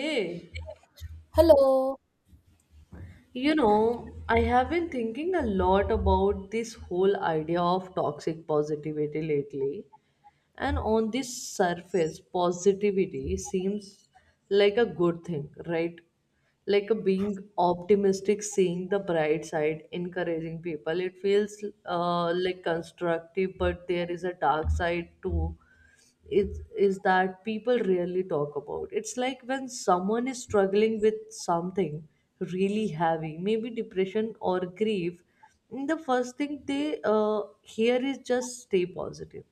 Hey, Hello. you know, I have been thinking a lot about this whole idea of toxic positivity lately. And on this surface, positivity seems like a good thing, right? Like a being optimistic, seeing the bright side, encouraging people. It feels like constructive, but there is a dark side too is that people rarely talk about. It's like when someone is struggling with something really heavy, maybe depression or grief, the first thing they hear is just stay positive,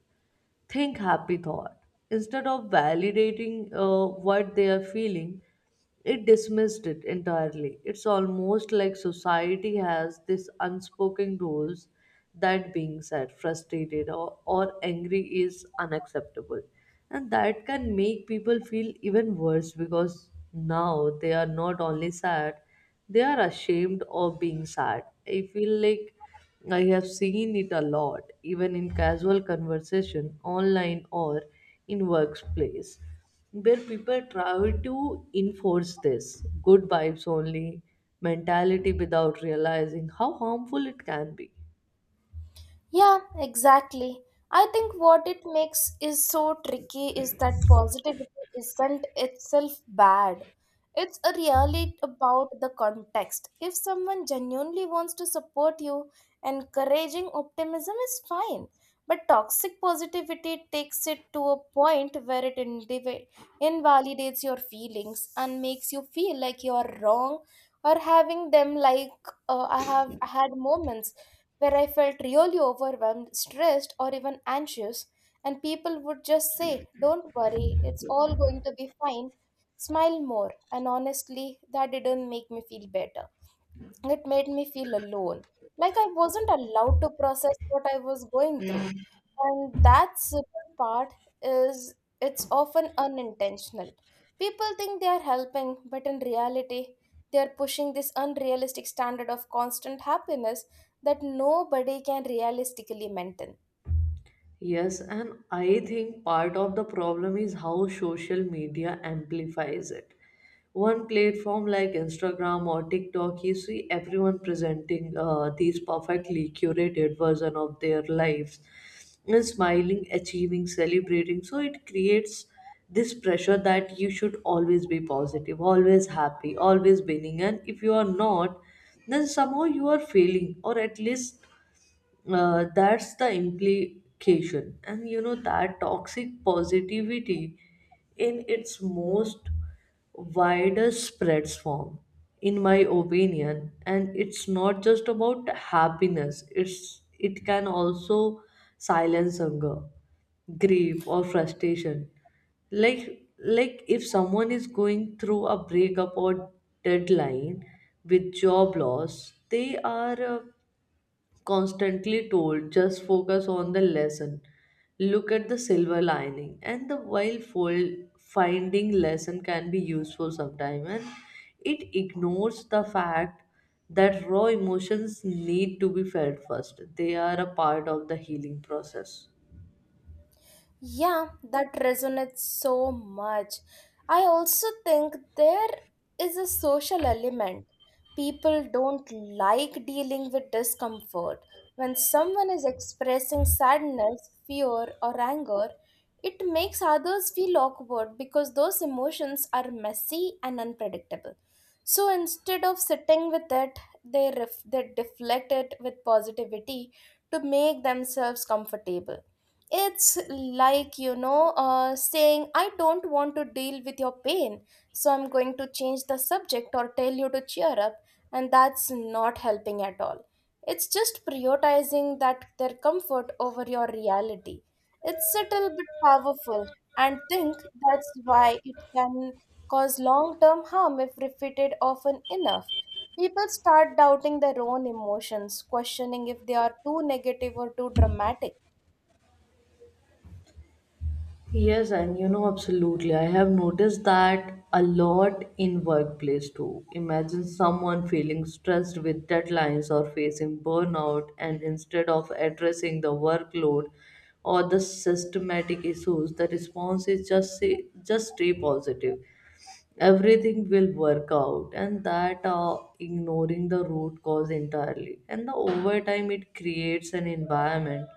think happy thought, instead of validating what they are feeling. It dismissed it entirely. It's almost like society has this unspoken rules that being sad, frustrated or angry is unacceptable, and that can make people feel even worse because now they are not only sad, they are ashamed of being sad. I feel like I have seen it a lot, even in casual conversation, online or in workplace, where people try to enforce this good vibes only mentality without realizing how harmful it can be. Yeah, exactly. I think what it makes is so tricky is that positivity isn't itself bad. It's a really about the context. If someone genuinely wants to support you, encouraging optimism is fine. But toxic positivity takes it to a point where it invalidates your feelings and makes you feel like you are wrong or having them like, I have had moments where I felt really overwhelmed, stressed, or even anxious, and people would just say, "Don't worry, it's all going to be fine, smile more," and honestly, that didn't make me feel better. It made me feel alone, like I wasn't allowed to process what I was going through. And that second part is it's often unintentional. People think they are helping, but in reality, they are pushing this unrealistic standard of constant happiness that nobody can realistically maintain. Yes, and I think part of the problem is how social media amplifies it. One platform like Instagram or TikTok, you see everyone presenting these perfectly curated version of their lives, and smiling, achieving, celebrating. So it creates this pressure that you should always be positive, always happy, always winning, and if you are not, then somehow you are failing, or at least that's the implication. And you know that toxic positivity in its most widest spreads form, in my opinion, and it's not just about happiness, it's it can also silence anger, grief or frustration. Like if someone is going through a breakup or deadline with job loss, they are constantly told just focus on the lesson, look at the silver lining, and the while fold finding lesson can be useful sometime, and it ignores the fact that raw emotions need to be felt first. They are a part of the healing process. Yeah, that resonates so much. I also think there is a social element. People don't like dealing with discomfort. When someone is expressing sadness, fear, or anger, it makes others feel awkward because those emotions are messy and unpredictable. So instead of sitting with it, they deflect it with positivity to make themselves comfortable. It's like, saying, "I don't want to deal with your pain, so I'm going to change the subject or tell you to cheer up," and that's not helping at all. It's just prioritizing that their comfort over your reality. It's subtle but powerful, and think that's why it can cause long term harm if repeated often enough. People start doubting their own emotions, questioning if they are too negative or too dramatic. Yes, and you know, absolutely. I have noticed that a lot in workplace too. Imagine someone feeling stressed with deadlines or facing burnout, and instead of addressing the workload or the systematic issues, the response is just say, just stay positive, everything will work out. And that ignoring the root cause entirely. And the overtime it creates an environment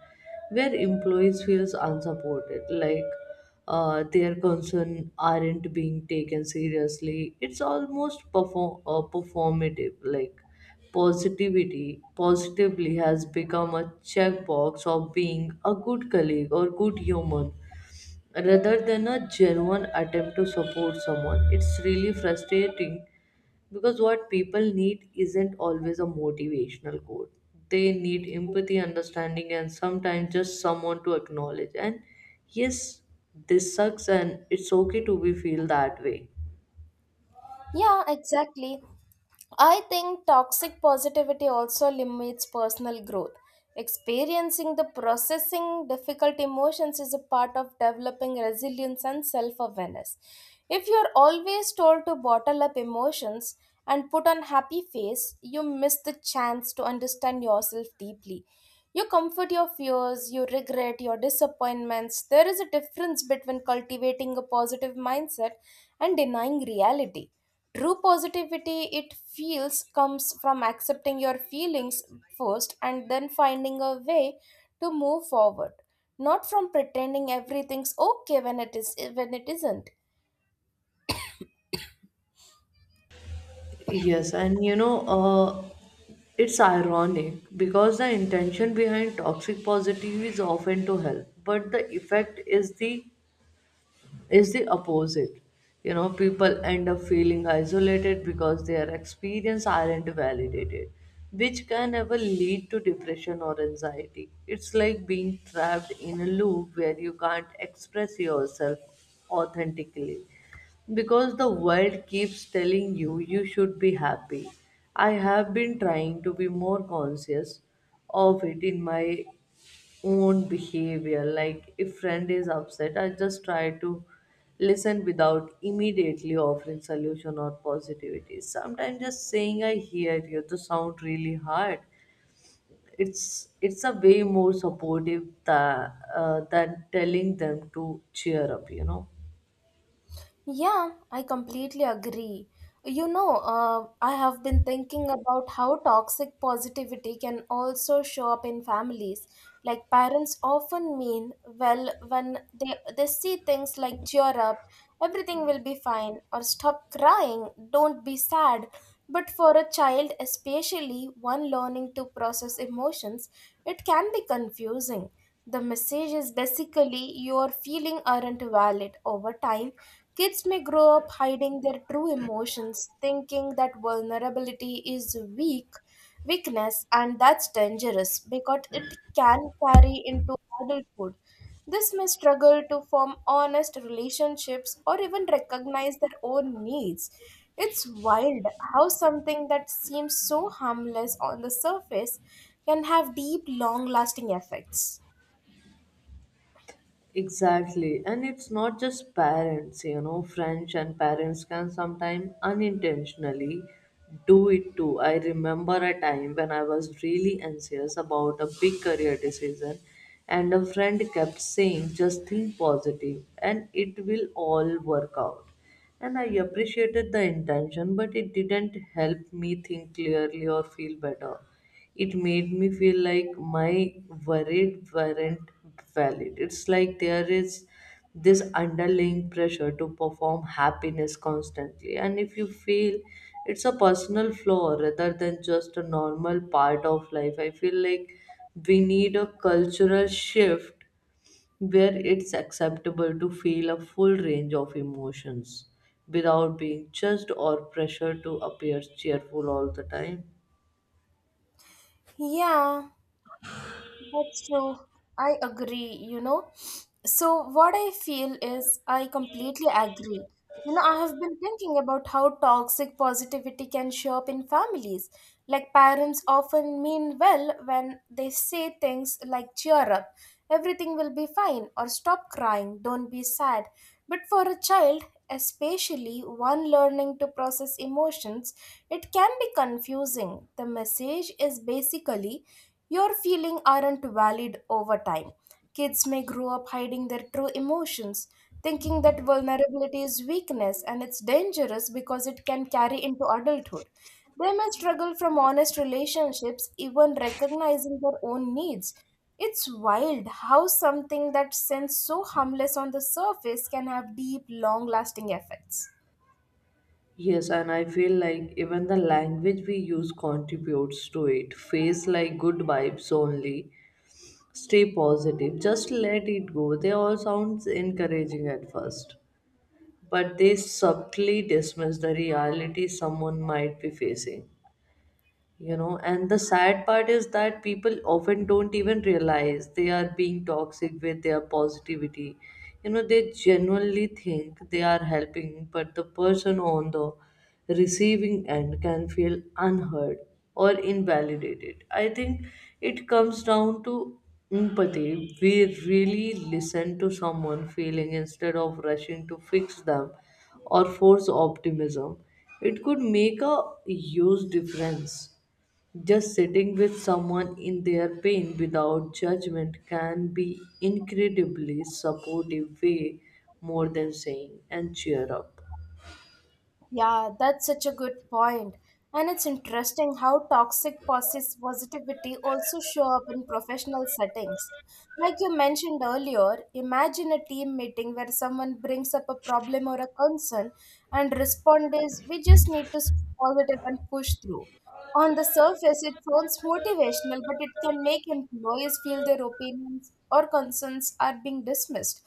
where employees feels unsupported, like their concern aren't being taken seriously. It's almost performative, like positivity positively has become a checkbox of being a good colleague or good human rather than a genuine attempt to support someone. It's really frustrating because what people need isn't always a motivational quote. They need empathy, understanding, and sometimes just someone to acknowledge. And yes, this sucks, and it's okay to be feel that way. Yeah, exactly. I think toxic positivity also limits personal growth. Experiencing the processing difficult emotions is a part of developing resilience and self awareness. If you're always told to bottle up emotions and put on happy face, you miss the chance to understand yourself deeply. You comfort your fears, you regret your disappointments. There is a difference between cultivating a positive mindset and denying reality. True positivity, it feels, comes from accepting your feelings first and then finding a way to move forward, not from pretending everything's okay when it is when it isn't. Yes, and you know, it's ironic because the intention behind toxic positivity is often to help, but the effect is the opposite. You know, people end up feeling isolated because their experience aren't validated, which can ever lead to depression or anxiety. It's like being trapped in a loop where you can't express yourself authentically because the world keeps telling you you should be happy. I have been trying to be more conscious of it in my own behavior. Like if friend is upset, I just try to listen without immediately offering solution or positivity. Sometimes just saying I hear you to sound really hard. It's a way more supportive than telling them to cheer up, you know. Yeah, I completely agree. I have been thinking about how toxic positivity can also show up in families. Like parents often mean well when they see things like "cheer up, everything will be fine," or "stop crying, don't be sad." But for a child, especially one learning to process emotions, it can be confusing. The message is basically your feeling aren't valid over time. Kids may grow up hiding their true emotions, thinking that vulnerability is weakness, and that's dangerous because it can carry into adulthood. This may struggle to form honest relationships or even recognize their own needs. It's wild how something that seems so harmless on the surface can have deep, long lasting effects. Exactly. And it's not just parents, you know, friends and parents can sometimes unintentionally do it too. I remember a time when I was really anxious about a big career decision, and a friend kept saying, just think positive and it will all work out. And I appreciated the intention, but it didn't help me think clearly or feel better. It made me feel like my worried weren't valid. It's like there is this underlying pressure to perform happiness constantly. And if you feel it's a personal flaw rather than just a normal part of life, I feel like we need a cultural shift where it's acceptable to feel a full range of emotions without being judged or pressured to appear cheerful all the time. Yeah. That's true. I agree, you know. So, what I feel is I completely agree. You know, I have been thinking about how toxic positivity can show up in families. Like, parents often mean well when they say things like "cheer up, everything will be fine," or "stop crying, don't be sad." But for a child, especially one learning to process emotions, it can be confusing. The message is basically your feelings aren't valid over time. Kids may grow up hiding their true emotions, thinking that vulnerability is weakness and it's dangerous because it can carry into adulthood. They may struggle from honest relationships, even recognizing their own needs. It's wild how something that seems so harmless on the surface can have deep, long lasting effects. Yes, and I feel like even the language we use contributes to it. Face like good vibes only. Stay positive. Just let it go. They all sounds encouraging at first, but they subtly dismiss the reality someone might be facing. You know, and the sad part is that people often don't even realize they are being toxic with their positivity. You know, they genuinely think they are helping, but the person on the receiving end can feel unheard or invalidated. I think it comes down to empathy. We really listen to someone feeling instead of rushing to fix them or force optimism, it could make a huge difference. Just sitting with someone in their pain without judgment can be incredibly supportive, way more than saying and cheer up. Yeah, that's such a good point. And it's interesting how toxic positivity also show up in professional settings. Like you mentioned earlier, imagine a team meeting where someone brings up a problem or a concern and respond is we just need to be positive and push through. On the surface, it sounds motivational, but it can make employees feel their opinions or concerns are being dismissed.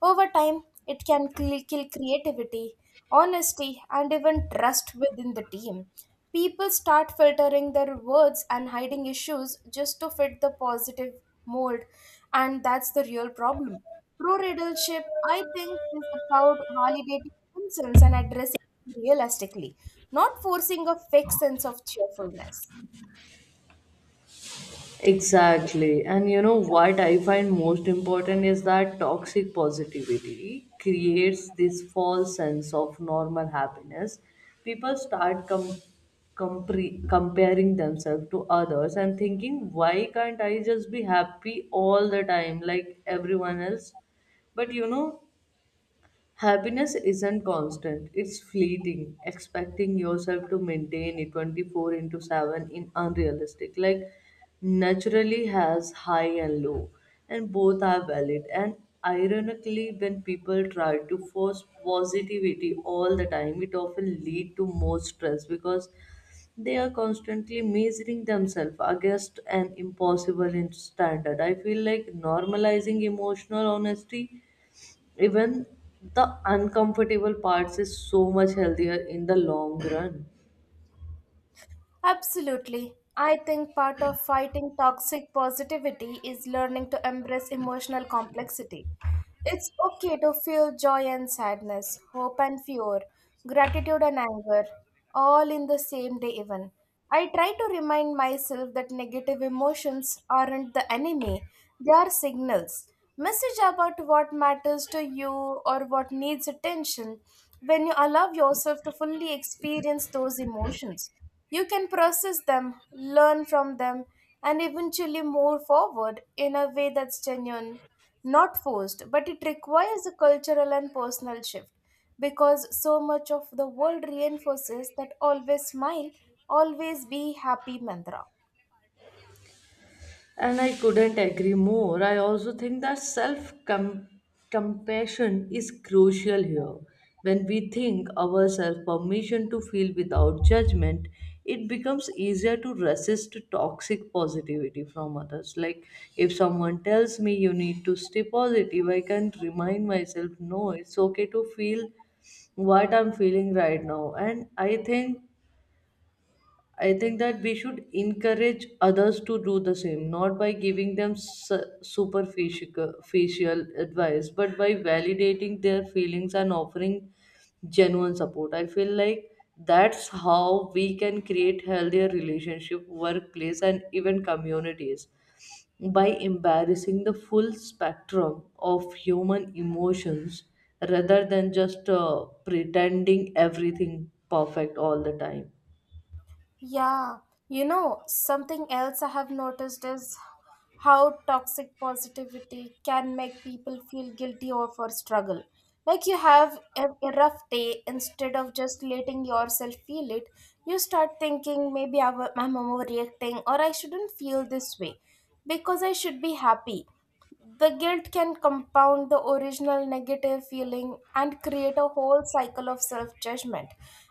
Over time, it can kill creativity, honesty, and even trust within the team. People start filtering their words and hiding issues just to fit the positive mold, and that's the real problem. Pro readership, I think, is about validating concerns and addressing realistically, not forcing a fake sense of cheerfulness. Exactly. And you know what I find most important is that toxic positivity creates this false sense of normal happiness. People start comparing themselves to others and thinking, why can't I just be happy all the time like everyone else? But you know, happiness isn't constant, it's fleeting. Expecting yourself to maintain it 24 into 7 in unrealistic. Like, naturally has high and low, and both are valid. And ironically, when people try to force positivity all the time, it often lead to more stress because they are constantly measuring themselves against an impossible standard. I feel like normalizing emotional honesty, even the uncomfortable parts, is so much healthier in the long run. Absolutely. I think part of fighting toxic positivity is learning to embrace emotional complexity. It's okay to feel joy and sadness, hope and fear, gratitude and anger, all in the same day, even. I try to remind myself that negative emotions aren't the enemy, they are signals. Message about what matters to you or what needs attention when you allow yourself to fully experience those emotions. You can process them, learn from them, and eventually move forward in a way that's genuine, not forced, but it requires a cultural and personal shift because so much of the world reinforces that always smile, always be happy mantra. And I couldn't agree more. I also think that self compassion is crucial here. When we think ourselves permission to feel without judgment, it becomes easier to resist toxic positivity from others. Like if someone tells me you need to stay positive, I can remind myself no, it's okay to feel what I'm feeling right now. And I think that we should encourage others to do the same, not by giving them superficial facial advice, but by validating their feelings and offering genuine support. I feel like that's how we can create healthier relationship, workplace, and even communities by embarrassing the full spectrum of human emotions rather than just pretending everything perfect all the time. Yeah, you know, something else I have noticed is how toxic positivity can make people feel guilty over struggle. Like you have a rough day, instead of just letting yourself feel it, you start thinking maybe I'm overreacting or I shouldn't feel this way because I should be happy. The guilt can compound the original negative feeling and create a whole cycle of self judgment.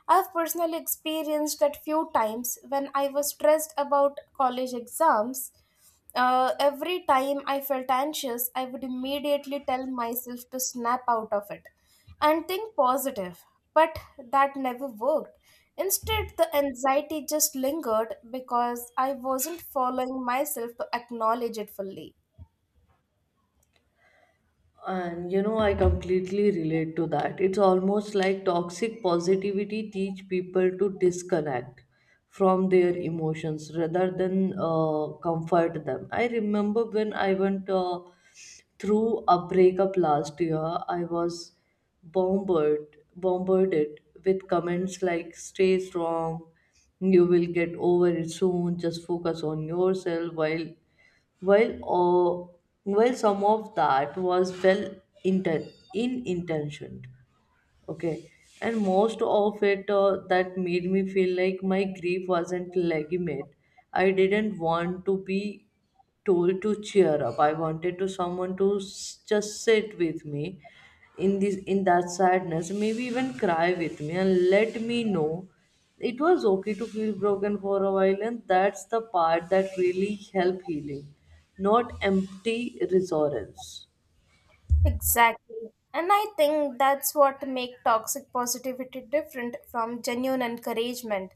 I've personally experienced that few times when I was stressed about college exams. Every time I felt anxious, I would immediately tell myself to snap out of it and think positive. But that never worked. Instead, the anxiety just lingered because I wasn't following myself to acknowledge it fully. And you know, I completely relate to that. It's almost like toxic positivity teach people to disconnect from their emotions rather than comfort them. I remember when I went through a breakup last year, I was bombarded with comments like "Stay strong," "You will get over it soon," "Just focus on yourself," while while, oh, while some of that was well in intentioned, okay. And most of it that made me feel like my grief wasn't legitimate. I didn't want to be told to cheer up. I wanted to someone to just sit with me in this in that sadness, maybe even cry with me and let me know it was okay to feel broken for a while, and that's the part that really helped healing, not empty reassurance. Exactly. And I think that's what makes toxic positivity different from genuine encouragement.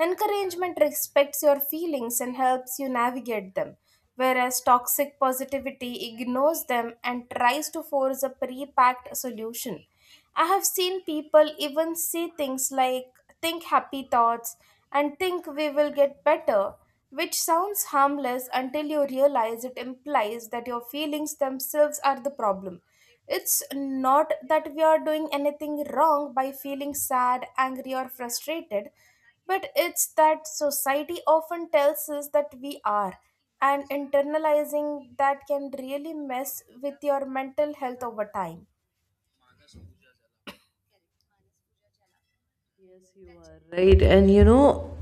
Encouragement respects your feelings and helps you navigate them, whereas toxic positivity ignores them and tries to force a pre packed solution. I have seen people even say things like, "think happy thoughts and think we will get better," which sounds harmless until you realize it implies that your feelings themselves are the problem. It's not that we are doing anything wrong by feeling sad, angry, or frustrated, but it's that society often tells us that we are. And internalizing that can really mess with your mental health over time. Yes, you are right. And you know,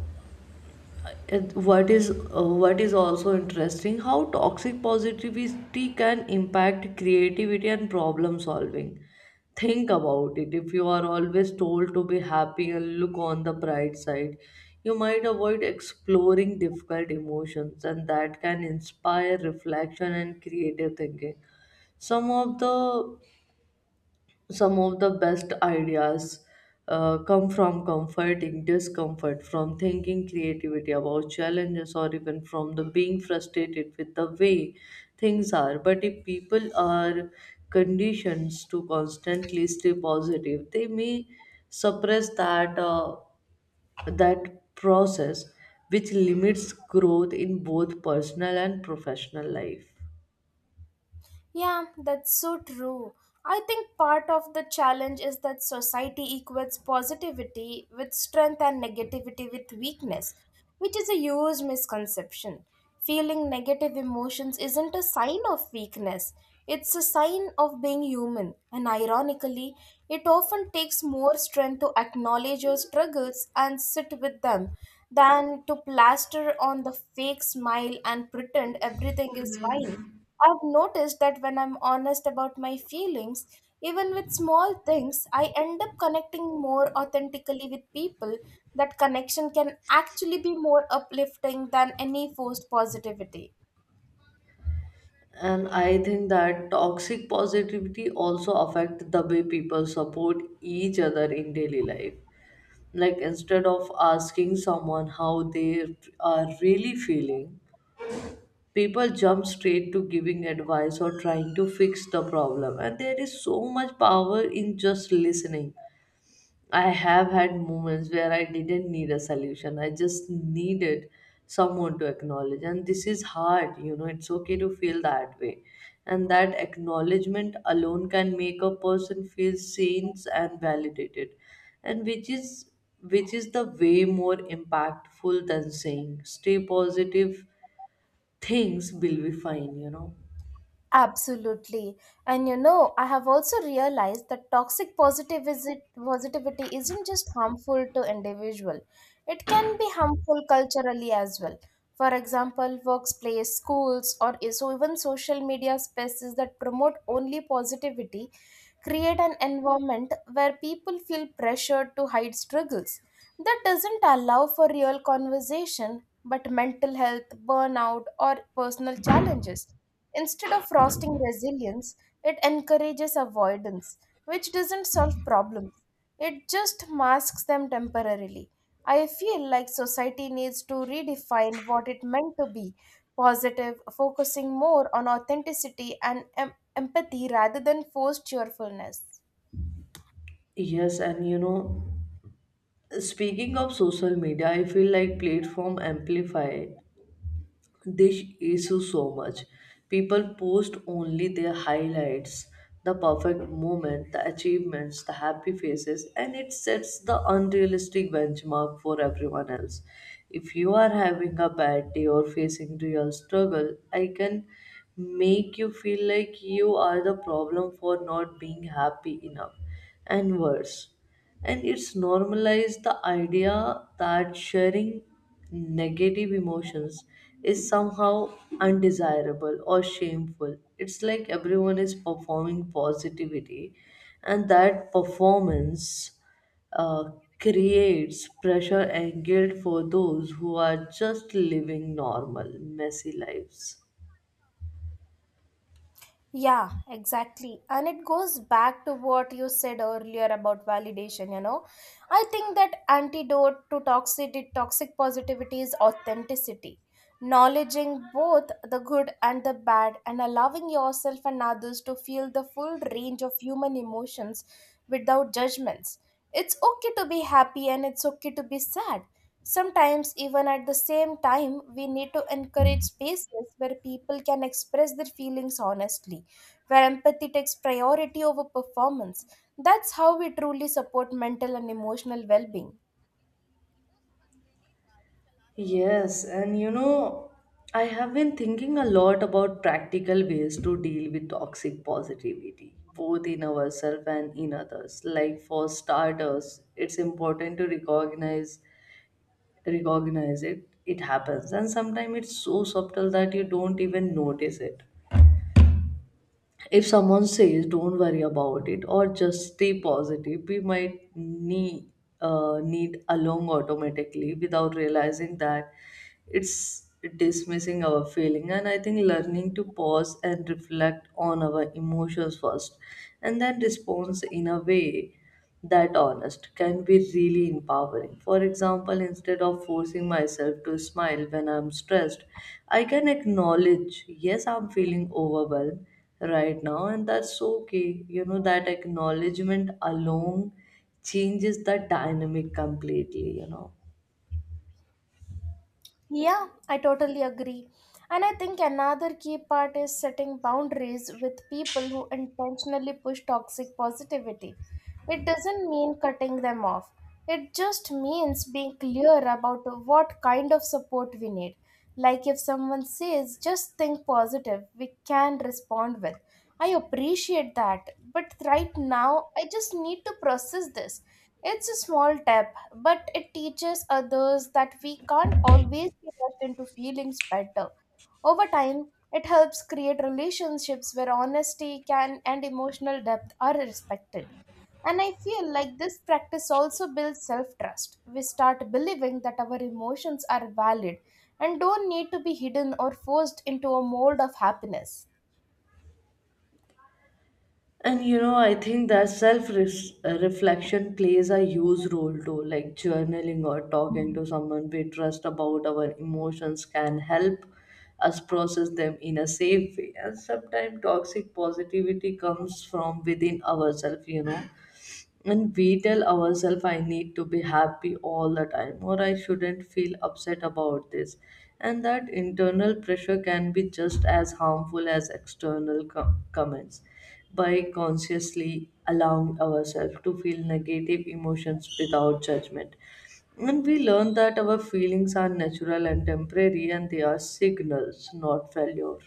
and what is what is also interesting how toxic positivity can impact creativity and problem solving. Think about it, if you are always told to be happy and look on the bright side, you might avoid exploring difficult emotions, and that can inspire reflection and creative thinking. Some of the some of the best ideas come from comforting discomfort, from thinking creativity about challenges, or even from the being frustrated with the way things are. But if people are conditioned to constantly stay positive, they may suppress that process, which limits growth in both personal and professional life. Yeah, that's so true. I think part of the challenge is that society equates positivity with strength and negativity with weakness, which is a huge misconception. Feeling negative emotions isn't a sign of weakness, it's a sign of being human. And ironically, it often takes more strength to acknowledge your struggles and sit with them than to plaster on the fake smile and pretend everything is fine. I've noticed that when I'm honest about my feelings, even with small things, I end up connecting more authentically with people. That connection can actually be more uplifting than any forced positivity. And I think that toxic positivity also affect the way people support each other in daily life. Like instead of asking someone how they are really feeling, people jump straight to giving advice or trying to fix the problem, and there is so much power in just listening. I have had moments where I didn't need a solution. I just needed someone to acknowledge. And this is hard, you know, it's okay to feel that way. And that acknowledgement alone can make a person feel seen and validated. And which is the way more impactful than saying stay positive, things will be fine, you know. Absolutely. And you know, I have also realized that toxic positivity isn't just harmful to individual. It can be harmful culturally as well. For example, workplace, schools, or so even social media spaces that promote only positivity create an environment where people feel pressured to hide struggles. That doesn't allow for real conversation, but mental health, burnout, or personal challenges. Instead of fostering resilience, it encourages avoidance, which doesn't solve problems. It just masks them temporarily. I feel like society needs to redefine what it meant to be positive, focusing more on authenticity and empathy rather than forced cheerfulness. Yes, and you know, speaking of social media, I feel like platform amplify this issue so much. People post only their highlights, the perfect moment, the achievements, the happy faces, and it sets the unrealistic benchmark for everyone else. If you are having a bad day or facing real struggle, I can make you feel like you are the problem for not being happy enough. And worse, and it's normalized the idea that sharing negative emotions is somehow undesirable or shameful. It's like everyone is performing positivity and that performance uh, creates pressure and guilt for those who are just living normal messy lives. Yeah, exactly. And it goes back to what you said earlier about validation, you know. I think that antidote to toxic positivity is authenticity. Acknowledging both the good and the bad and allowing yourself and others to feel the full range of human emotions without judgments. It's okay to be happy and it's okay to be sad. Sometimes, even at the same time, we need to encourage spaces where people can express their feelings honestly, where empathy takes priority over performance. That's how we truly support mental and emotional well being. Yes, and you know, I have been thinking a lot about practical ways to deal with toxic positivity, both in ourselves and in others. Like for starters, it's important to recognize it. It happens, and sometimes it's so subtle that you don't even notice it. If someone says don't worry about it or just stay positive, we might need along automatically without realizing that it's dismissing our feeling. And I think learning to pause and reflect on our emotions first and then respond in a way that honest can be really empowering. For example, instead of forcing myself to smile when I'm stressed, I can acknowledge, yes, I'm feeling overwhelmed right now, and that's okay. You know, that acknowledgement alone changes the dynamic completely, you know. Yeah, I totally agree. And I think another key part is setting boundaries with people who intentionally push toxic positivity. It doesn't mean cutting them off, it just means being clear about what kind of support we need. Like if someone says, "just think positive," we can respond with, "I appreciate that, but right now I just need to process this." It's a small step but it teaches others that we can't always be rushed into feelings better. Over time, it helps create relationships where honesty can and emotional depth are respected. And I feel like this practice also builds self trust. We start believing that our emotions are valid and don't need to be hidden or forced into a mold of happiness. And you know, I think that self reflection plays a huge role too. Like journaling or talking to someone we trust about our emotions can help us process them in a safe way. And sometimes toxic positivity comes from within ourselves, you know. And we tell ourselves, I need to be happy all the time, or I shouldn't feel upset about this. And that internal pressure can be just as harmful as external comments. By consciously allowing ourselves to feel negative emotions without judgment. And we learn that our feelings are natural and temporary, and they are signals, not failure.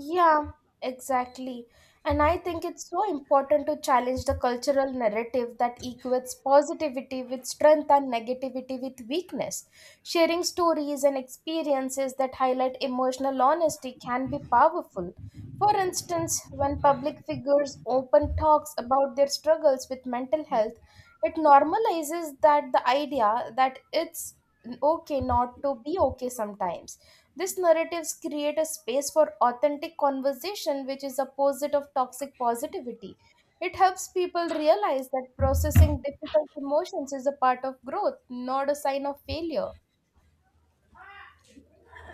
Yeah, exactly. And I think it's so important to challenge the cultural narrative that equates positivity with strength and negativity with weakness. Sharing stories and experiences that highlight emotional honesty can be powerful. For instance, when public figures open talks about their struggles with mental health, it normalizes that the idea that it's okay not to be okay sometimes these narratives create a space for authentic conversation, which is opposite of toxic positivity. It helps people realize that processing difficult emotions is a part of growth, not a sign of failure.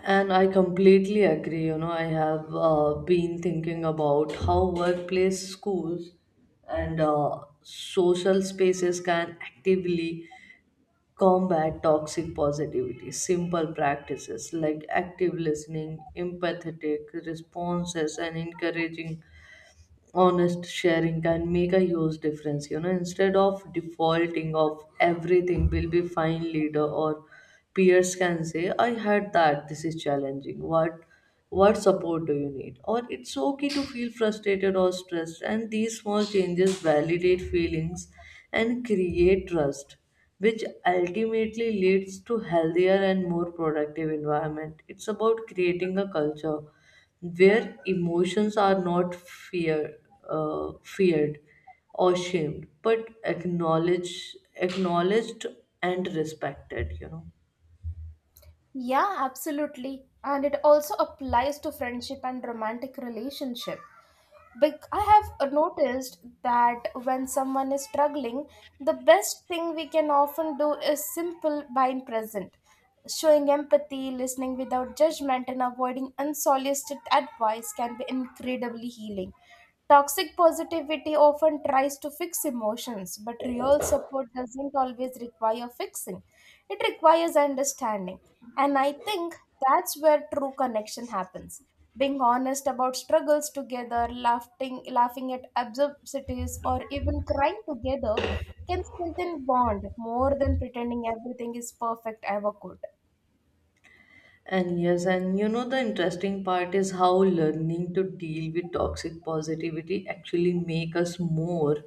And I completely agree. You know, I have been thinking about how workplace, schools, and social spaces can actively combat toxic positivity. Simple practices like active listening, empathetic responses, and encouraging honest sharing can make a huge difference, you know. Instead of defaulting of everything will be fine, leader or peers can say I had that this is challenging. What support do you need, or it's okay to feel frustrated or stressed. And these small changes validate feelings and create trust, which ultimately leads to healthier and more productive environment. It's about creating a culture where emotions are not feared or shamed, but acknowledged and respected. You know. Yeah, absolutely. And it also applies to friendship and romantic relationship. I have noticed that when someone is struggling, the best thing we can often do is simple being present, showing empathy, listening without judgment, and avoiding unsolicited advice can be incredibly healing. Toxic positivity often tries to fix emotions, but real support doesn't always require fixing. It requires understanding. And I think that's where true connection happens. Being honest about struggles together, laughing at absurdities, or even crying together can strengthen bond more than pretending everything is perfect ever could. And yes, and you know, the interesting part is how learning to deal with toxic positivity actually make us more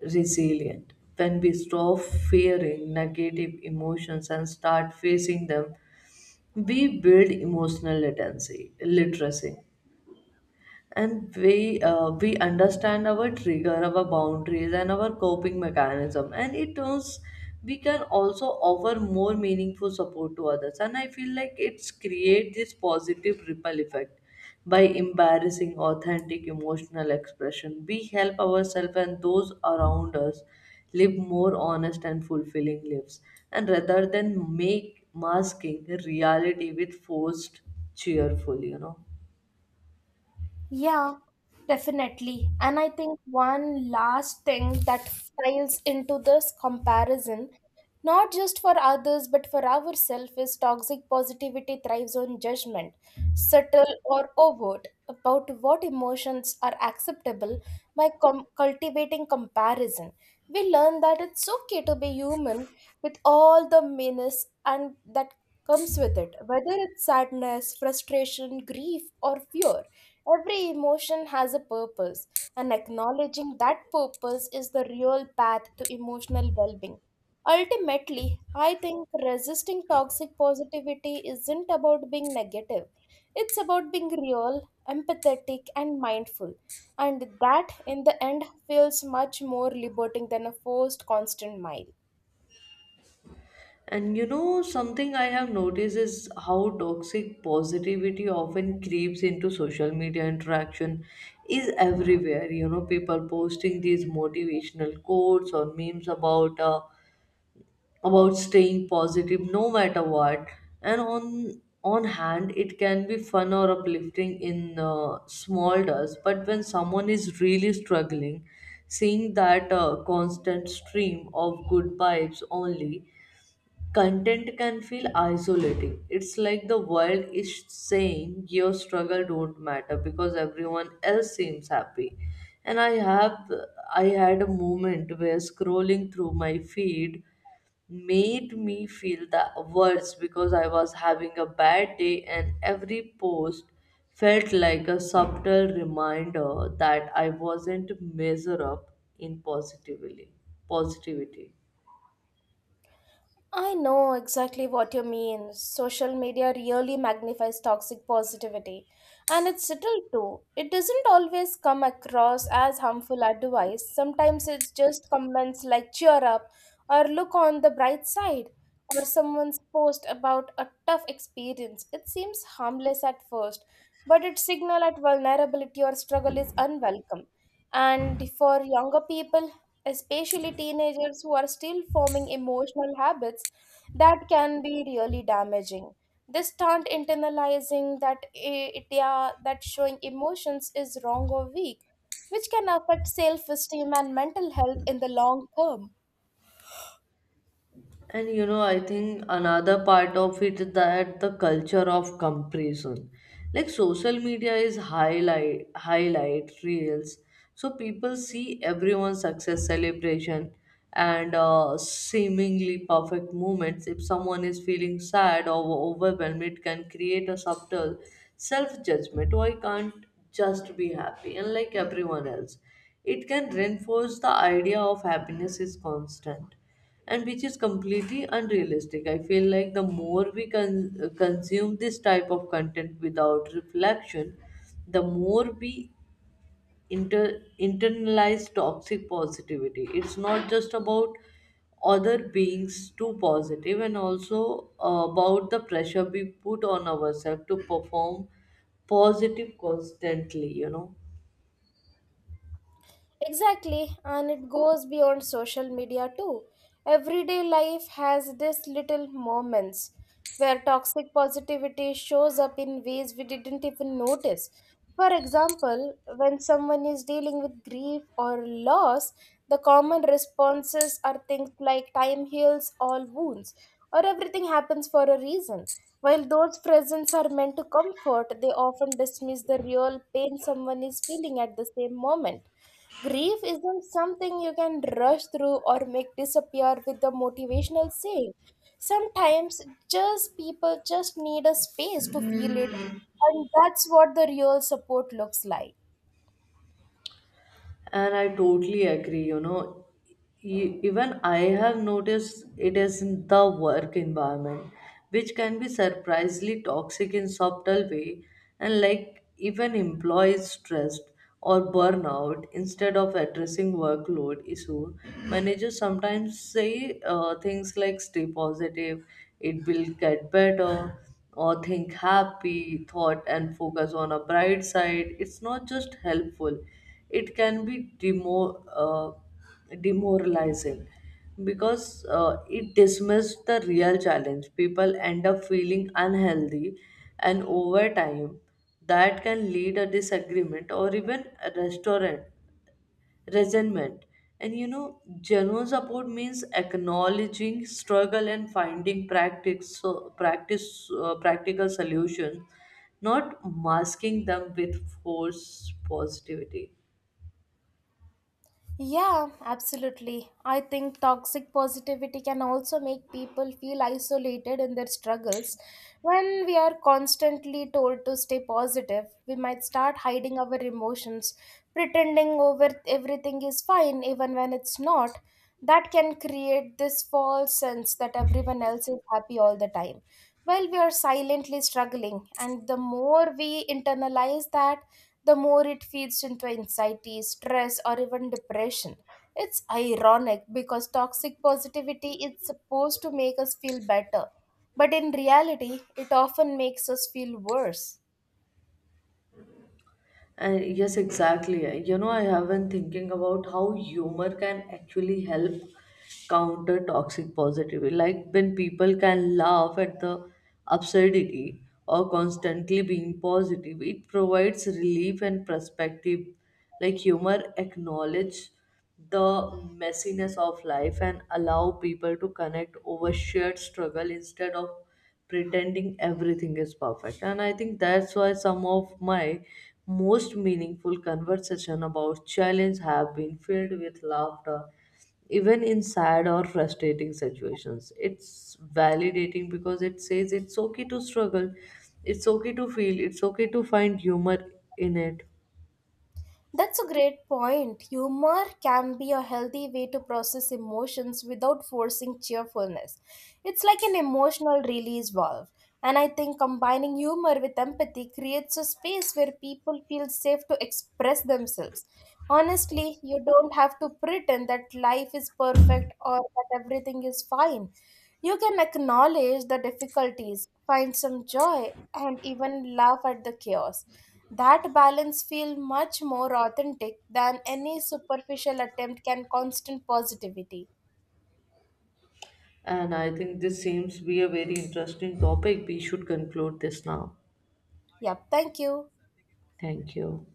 resilient. When we stop fearing negative emotions and start facing them, we build emotional literacy, and we understand our trigger, our boundaries, and our coping mechanism. And it turns we can also offer more meaningful support to others. And I feel like it's create this positive ripple effect. By embarrassing authentic emotional expression, we help ourselves and those around us live more honest and fulfilling lives, and rather than make masking reality with forced cheerful, you know. Yeah, definitely. And I think one last thing that files into this comparison, not just for others but for ourselves, is toxic positivity thrives on judgment, subtle or overt, about what emotions are acceptable cultivating comparison. We learn that it's okay to be human with all the meanness and that comes with it, whether it's sadness, frustration, grief, or fear. Every emotion has a purpose, and acknowledging that purpose is the real path to emotional well being. Ultimately, I think resisting toxic positivity isn't about being negative, it's about being real, empathetic, and mindful. And that, in the end, feels much more liberating than a forced constant mile. And you know, something I have noticed is how toxic positivity often creeps into social media interaction is everywhere. You know, people posting these motivational quotes or memes about staying positive no matter what. And on hand, it can be fun or uplifting in small doses, but when someone is really struggling, seeing that constant stream of good vibes only content can feel isolating. It's like the world is saying your struggle don't matter because everyone else seems happy. And I had a moment where scrolling through my feed made me feel the worst because I was having a bad day and every post felt like a subtle reminder that I wasn't measure up in positively positivity. I know exactly what you mean. Social media really magnifies toxic positivity, and it's subtle too. It doesn't always come across as harmful advice. Sometimes it's just comments like cheer up or look on the bright side or someone's post about a tough experience. It seems harmless at first, but it signal at vulnerability or struggle is unwelcome. And for younger people, especially teenagers who are still forming emotional habits, that can be really damaging. They start internalizing that idea that showing emotions is wrong or weak, which can affect self esteem and mental health in the long term. And you know, I think another part of it is that the culture of comparison. Like social media is highlight reels. So people see everyone's success celebration and seemingly perfect moments. If someone is feeling sad or overwhelmed, it can create a subtle self-judgment. Why can't just be happy and like everyone else. It can reinforce the idea of happiness is constant, and which is completely unrealistic. I feel like the more we consume this type of content without reflection, the more we internalize toxic positivity. It's not just about other beings too positive and also about the pressure we put on ourselves to perform positive constantly, you know. Exactly, and it goes beyond social media too. Everyday life has these little moments where toxic positivity shows up in ways we didn't even notice. For example, when someone is dealing with grief or loss, the common responses are things like time heals all wounds or everything happens for a reason. While those presents are meant to comfort, they often dismiss the real pain someone is feeling at the same moment. Grief isn't something you can rush through or make disappear with the motivational saying. Sometimes just people just need a space to feel it, and that's what the real support looks like. And I totally agree, you know. Even I have noticed it is in the work environment, which can be surprisingly toxic in subtle way. And like even employees stressed or burnout, instead of addressing workload issue, managers sometimes say things like "stay positive," "it will get better," or think happy thought and focus on a bright side. It's not just helpful, it can be demoralizing, because it dismisses the real challenge. People end up feeling unhealthy, and over time that can lead a disagreement or even a restaurant resentment. And you know, genuine support means acknowledging struggle and finding practical solutions, not masking them with force positivity. Yeah, absolutely. I think toxic positivity can also make people feel isolated in their struggles. When we are constantly told to stay positive, we might start hiding our emotions, pretending over everything is fine even when it's not. That can create this false sense that everyone else is happy all the time while we are silently struggling, and the more we internalize that, the more it feeds into anxiety, stress, or even depression. It's ironic because toxic positivity is supposed to make us feel better, but in reality it often makes us feel worse. And yes, exactly. You know, I have been thinking about how humor can actually help counter toxic positivity. Like when people can laugh at the absurdity or constantly being positive, it provides relief and perspective. Like humor acknowledge the messiness of life and allow people to connect over shared struggle instead of pretending everything is perfect. And I think that's why some of my most meaningful conversation about challenge have been filled with laughter. Even in sad or frustrating situations, it's validating because it says it's okay to struggle, it's okay to feel, it's okay to find humor in it. That's a great point. Humor can be a healthy way to process emotions without forcing cheerfulness. It's like an emotional release valve. And I think combining humor with empathy creates a space where people feel safe to express themselves. Honestly, you don't have to pretend that life is perfect or that everything is fine. You can acknowledge the difficulties, find some joy, and even laugh at the chaos. That balance feels much more authentic than any superficial attempt can constant positivity. And I think this seems to be a very interesting topic. We should conclude this now. Yep, thank you. Thank you.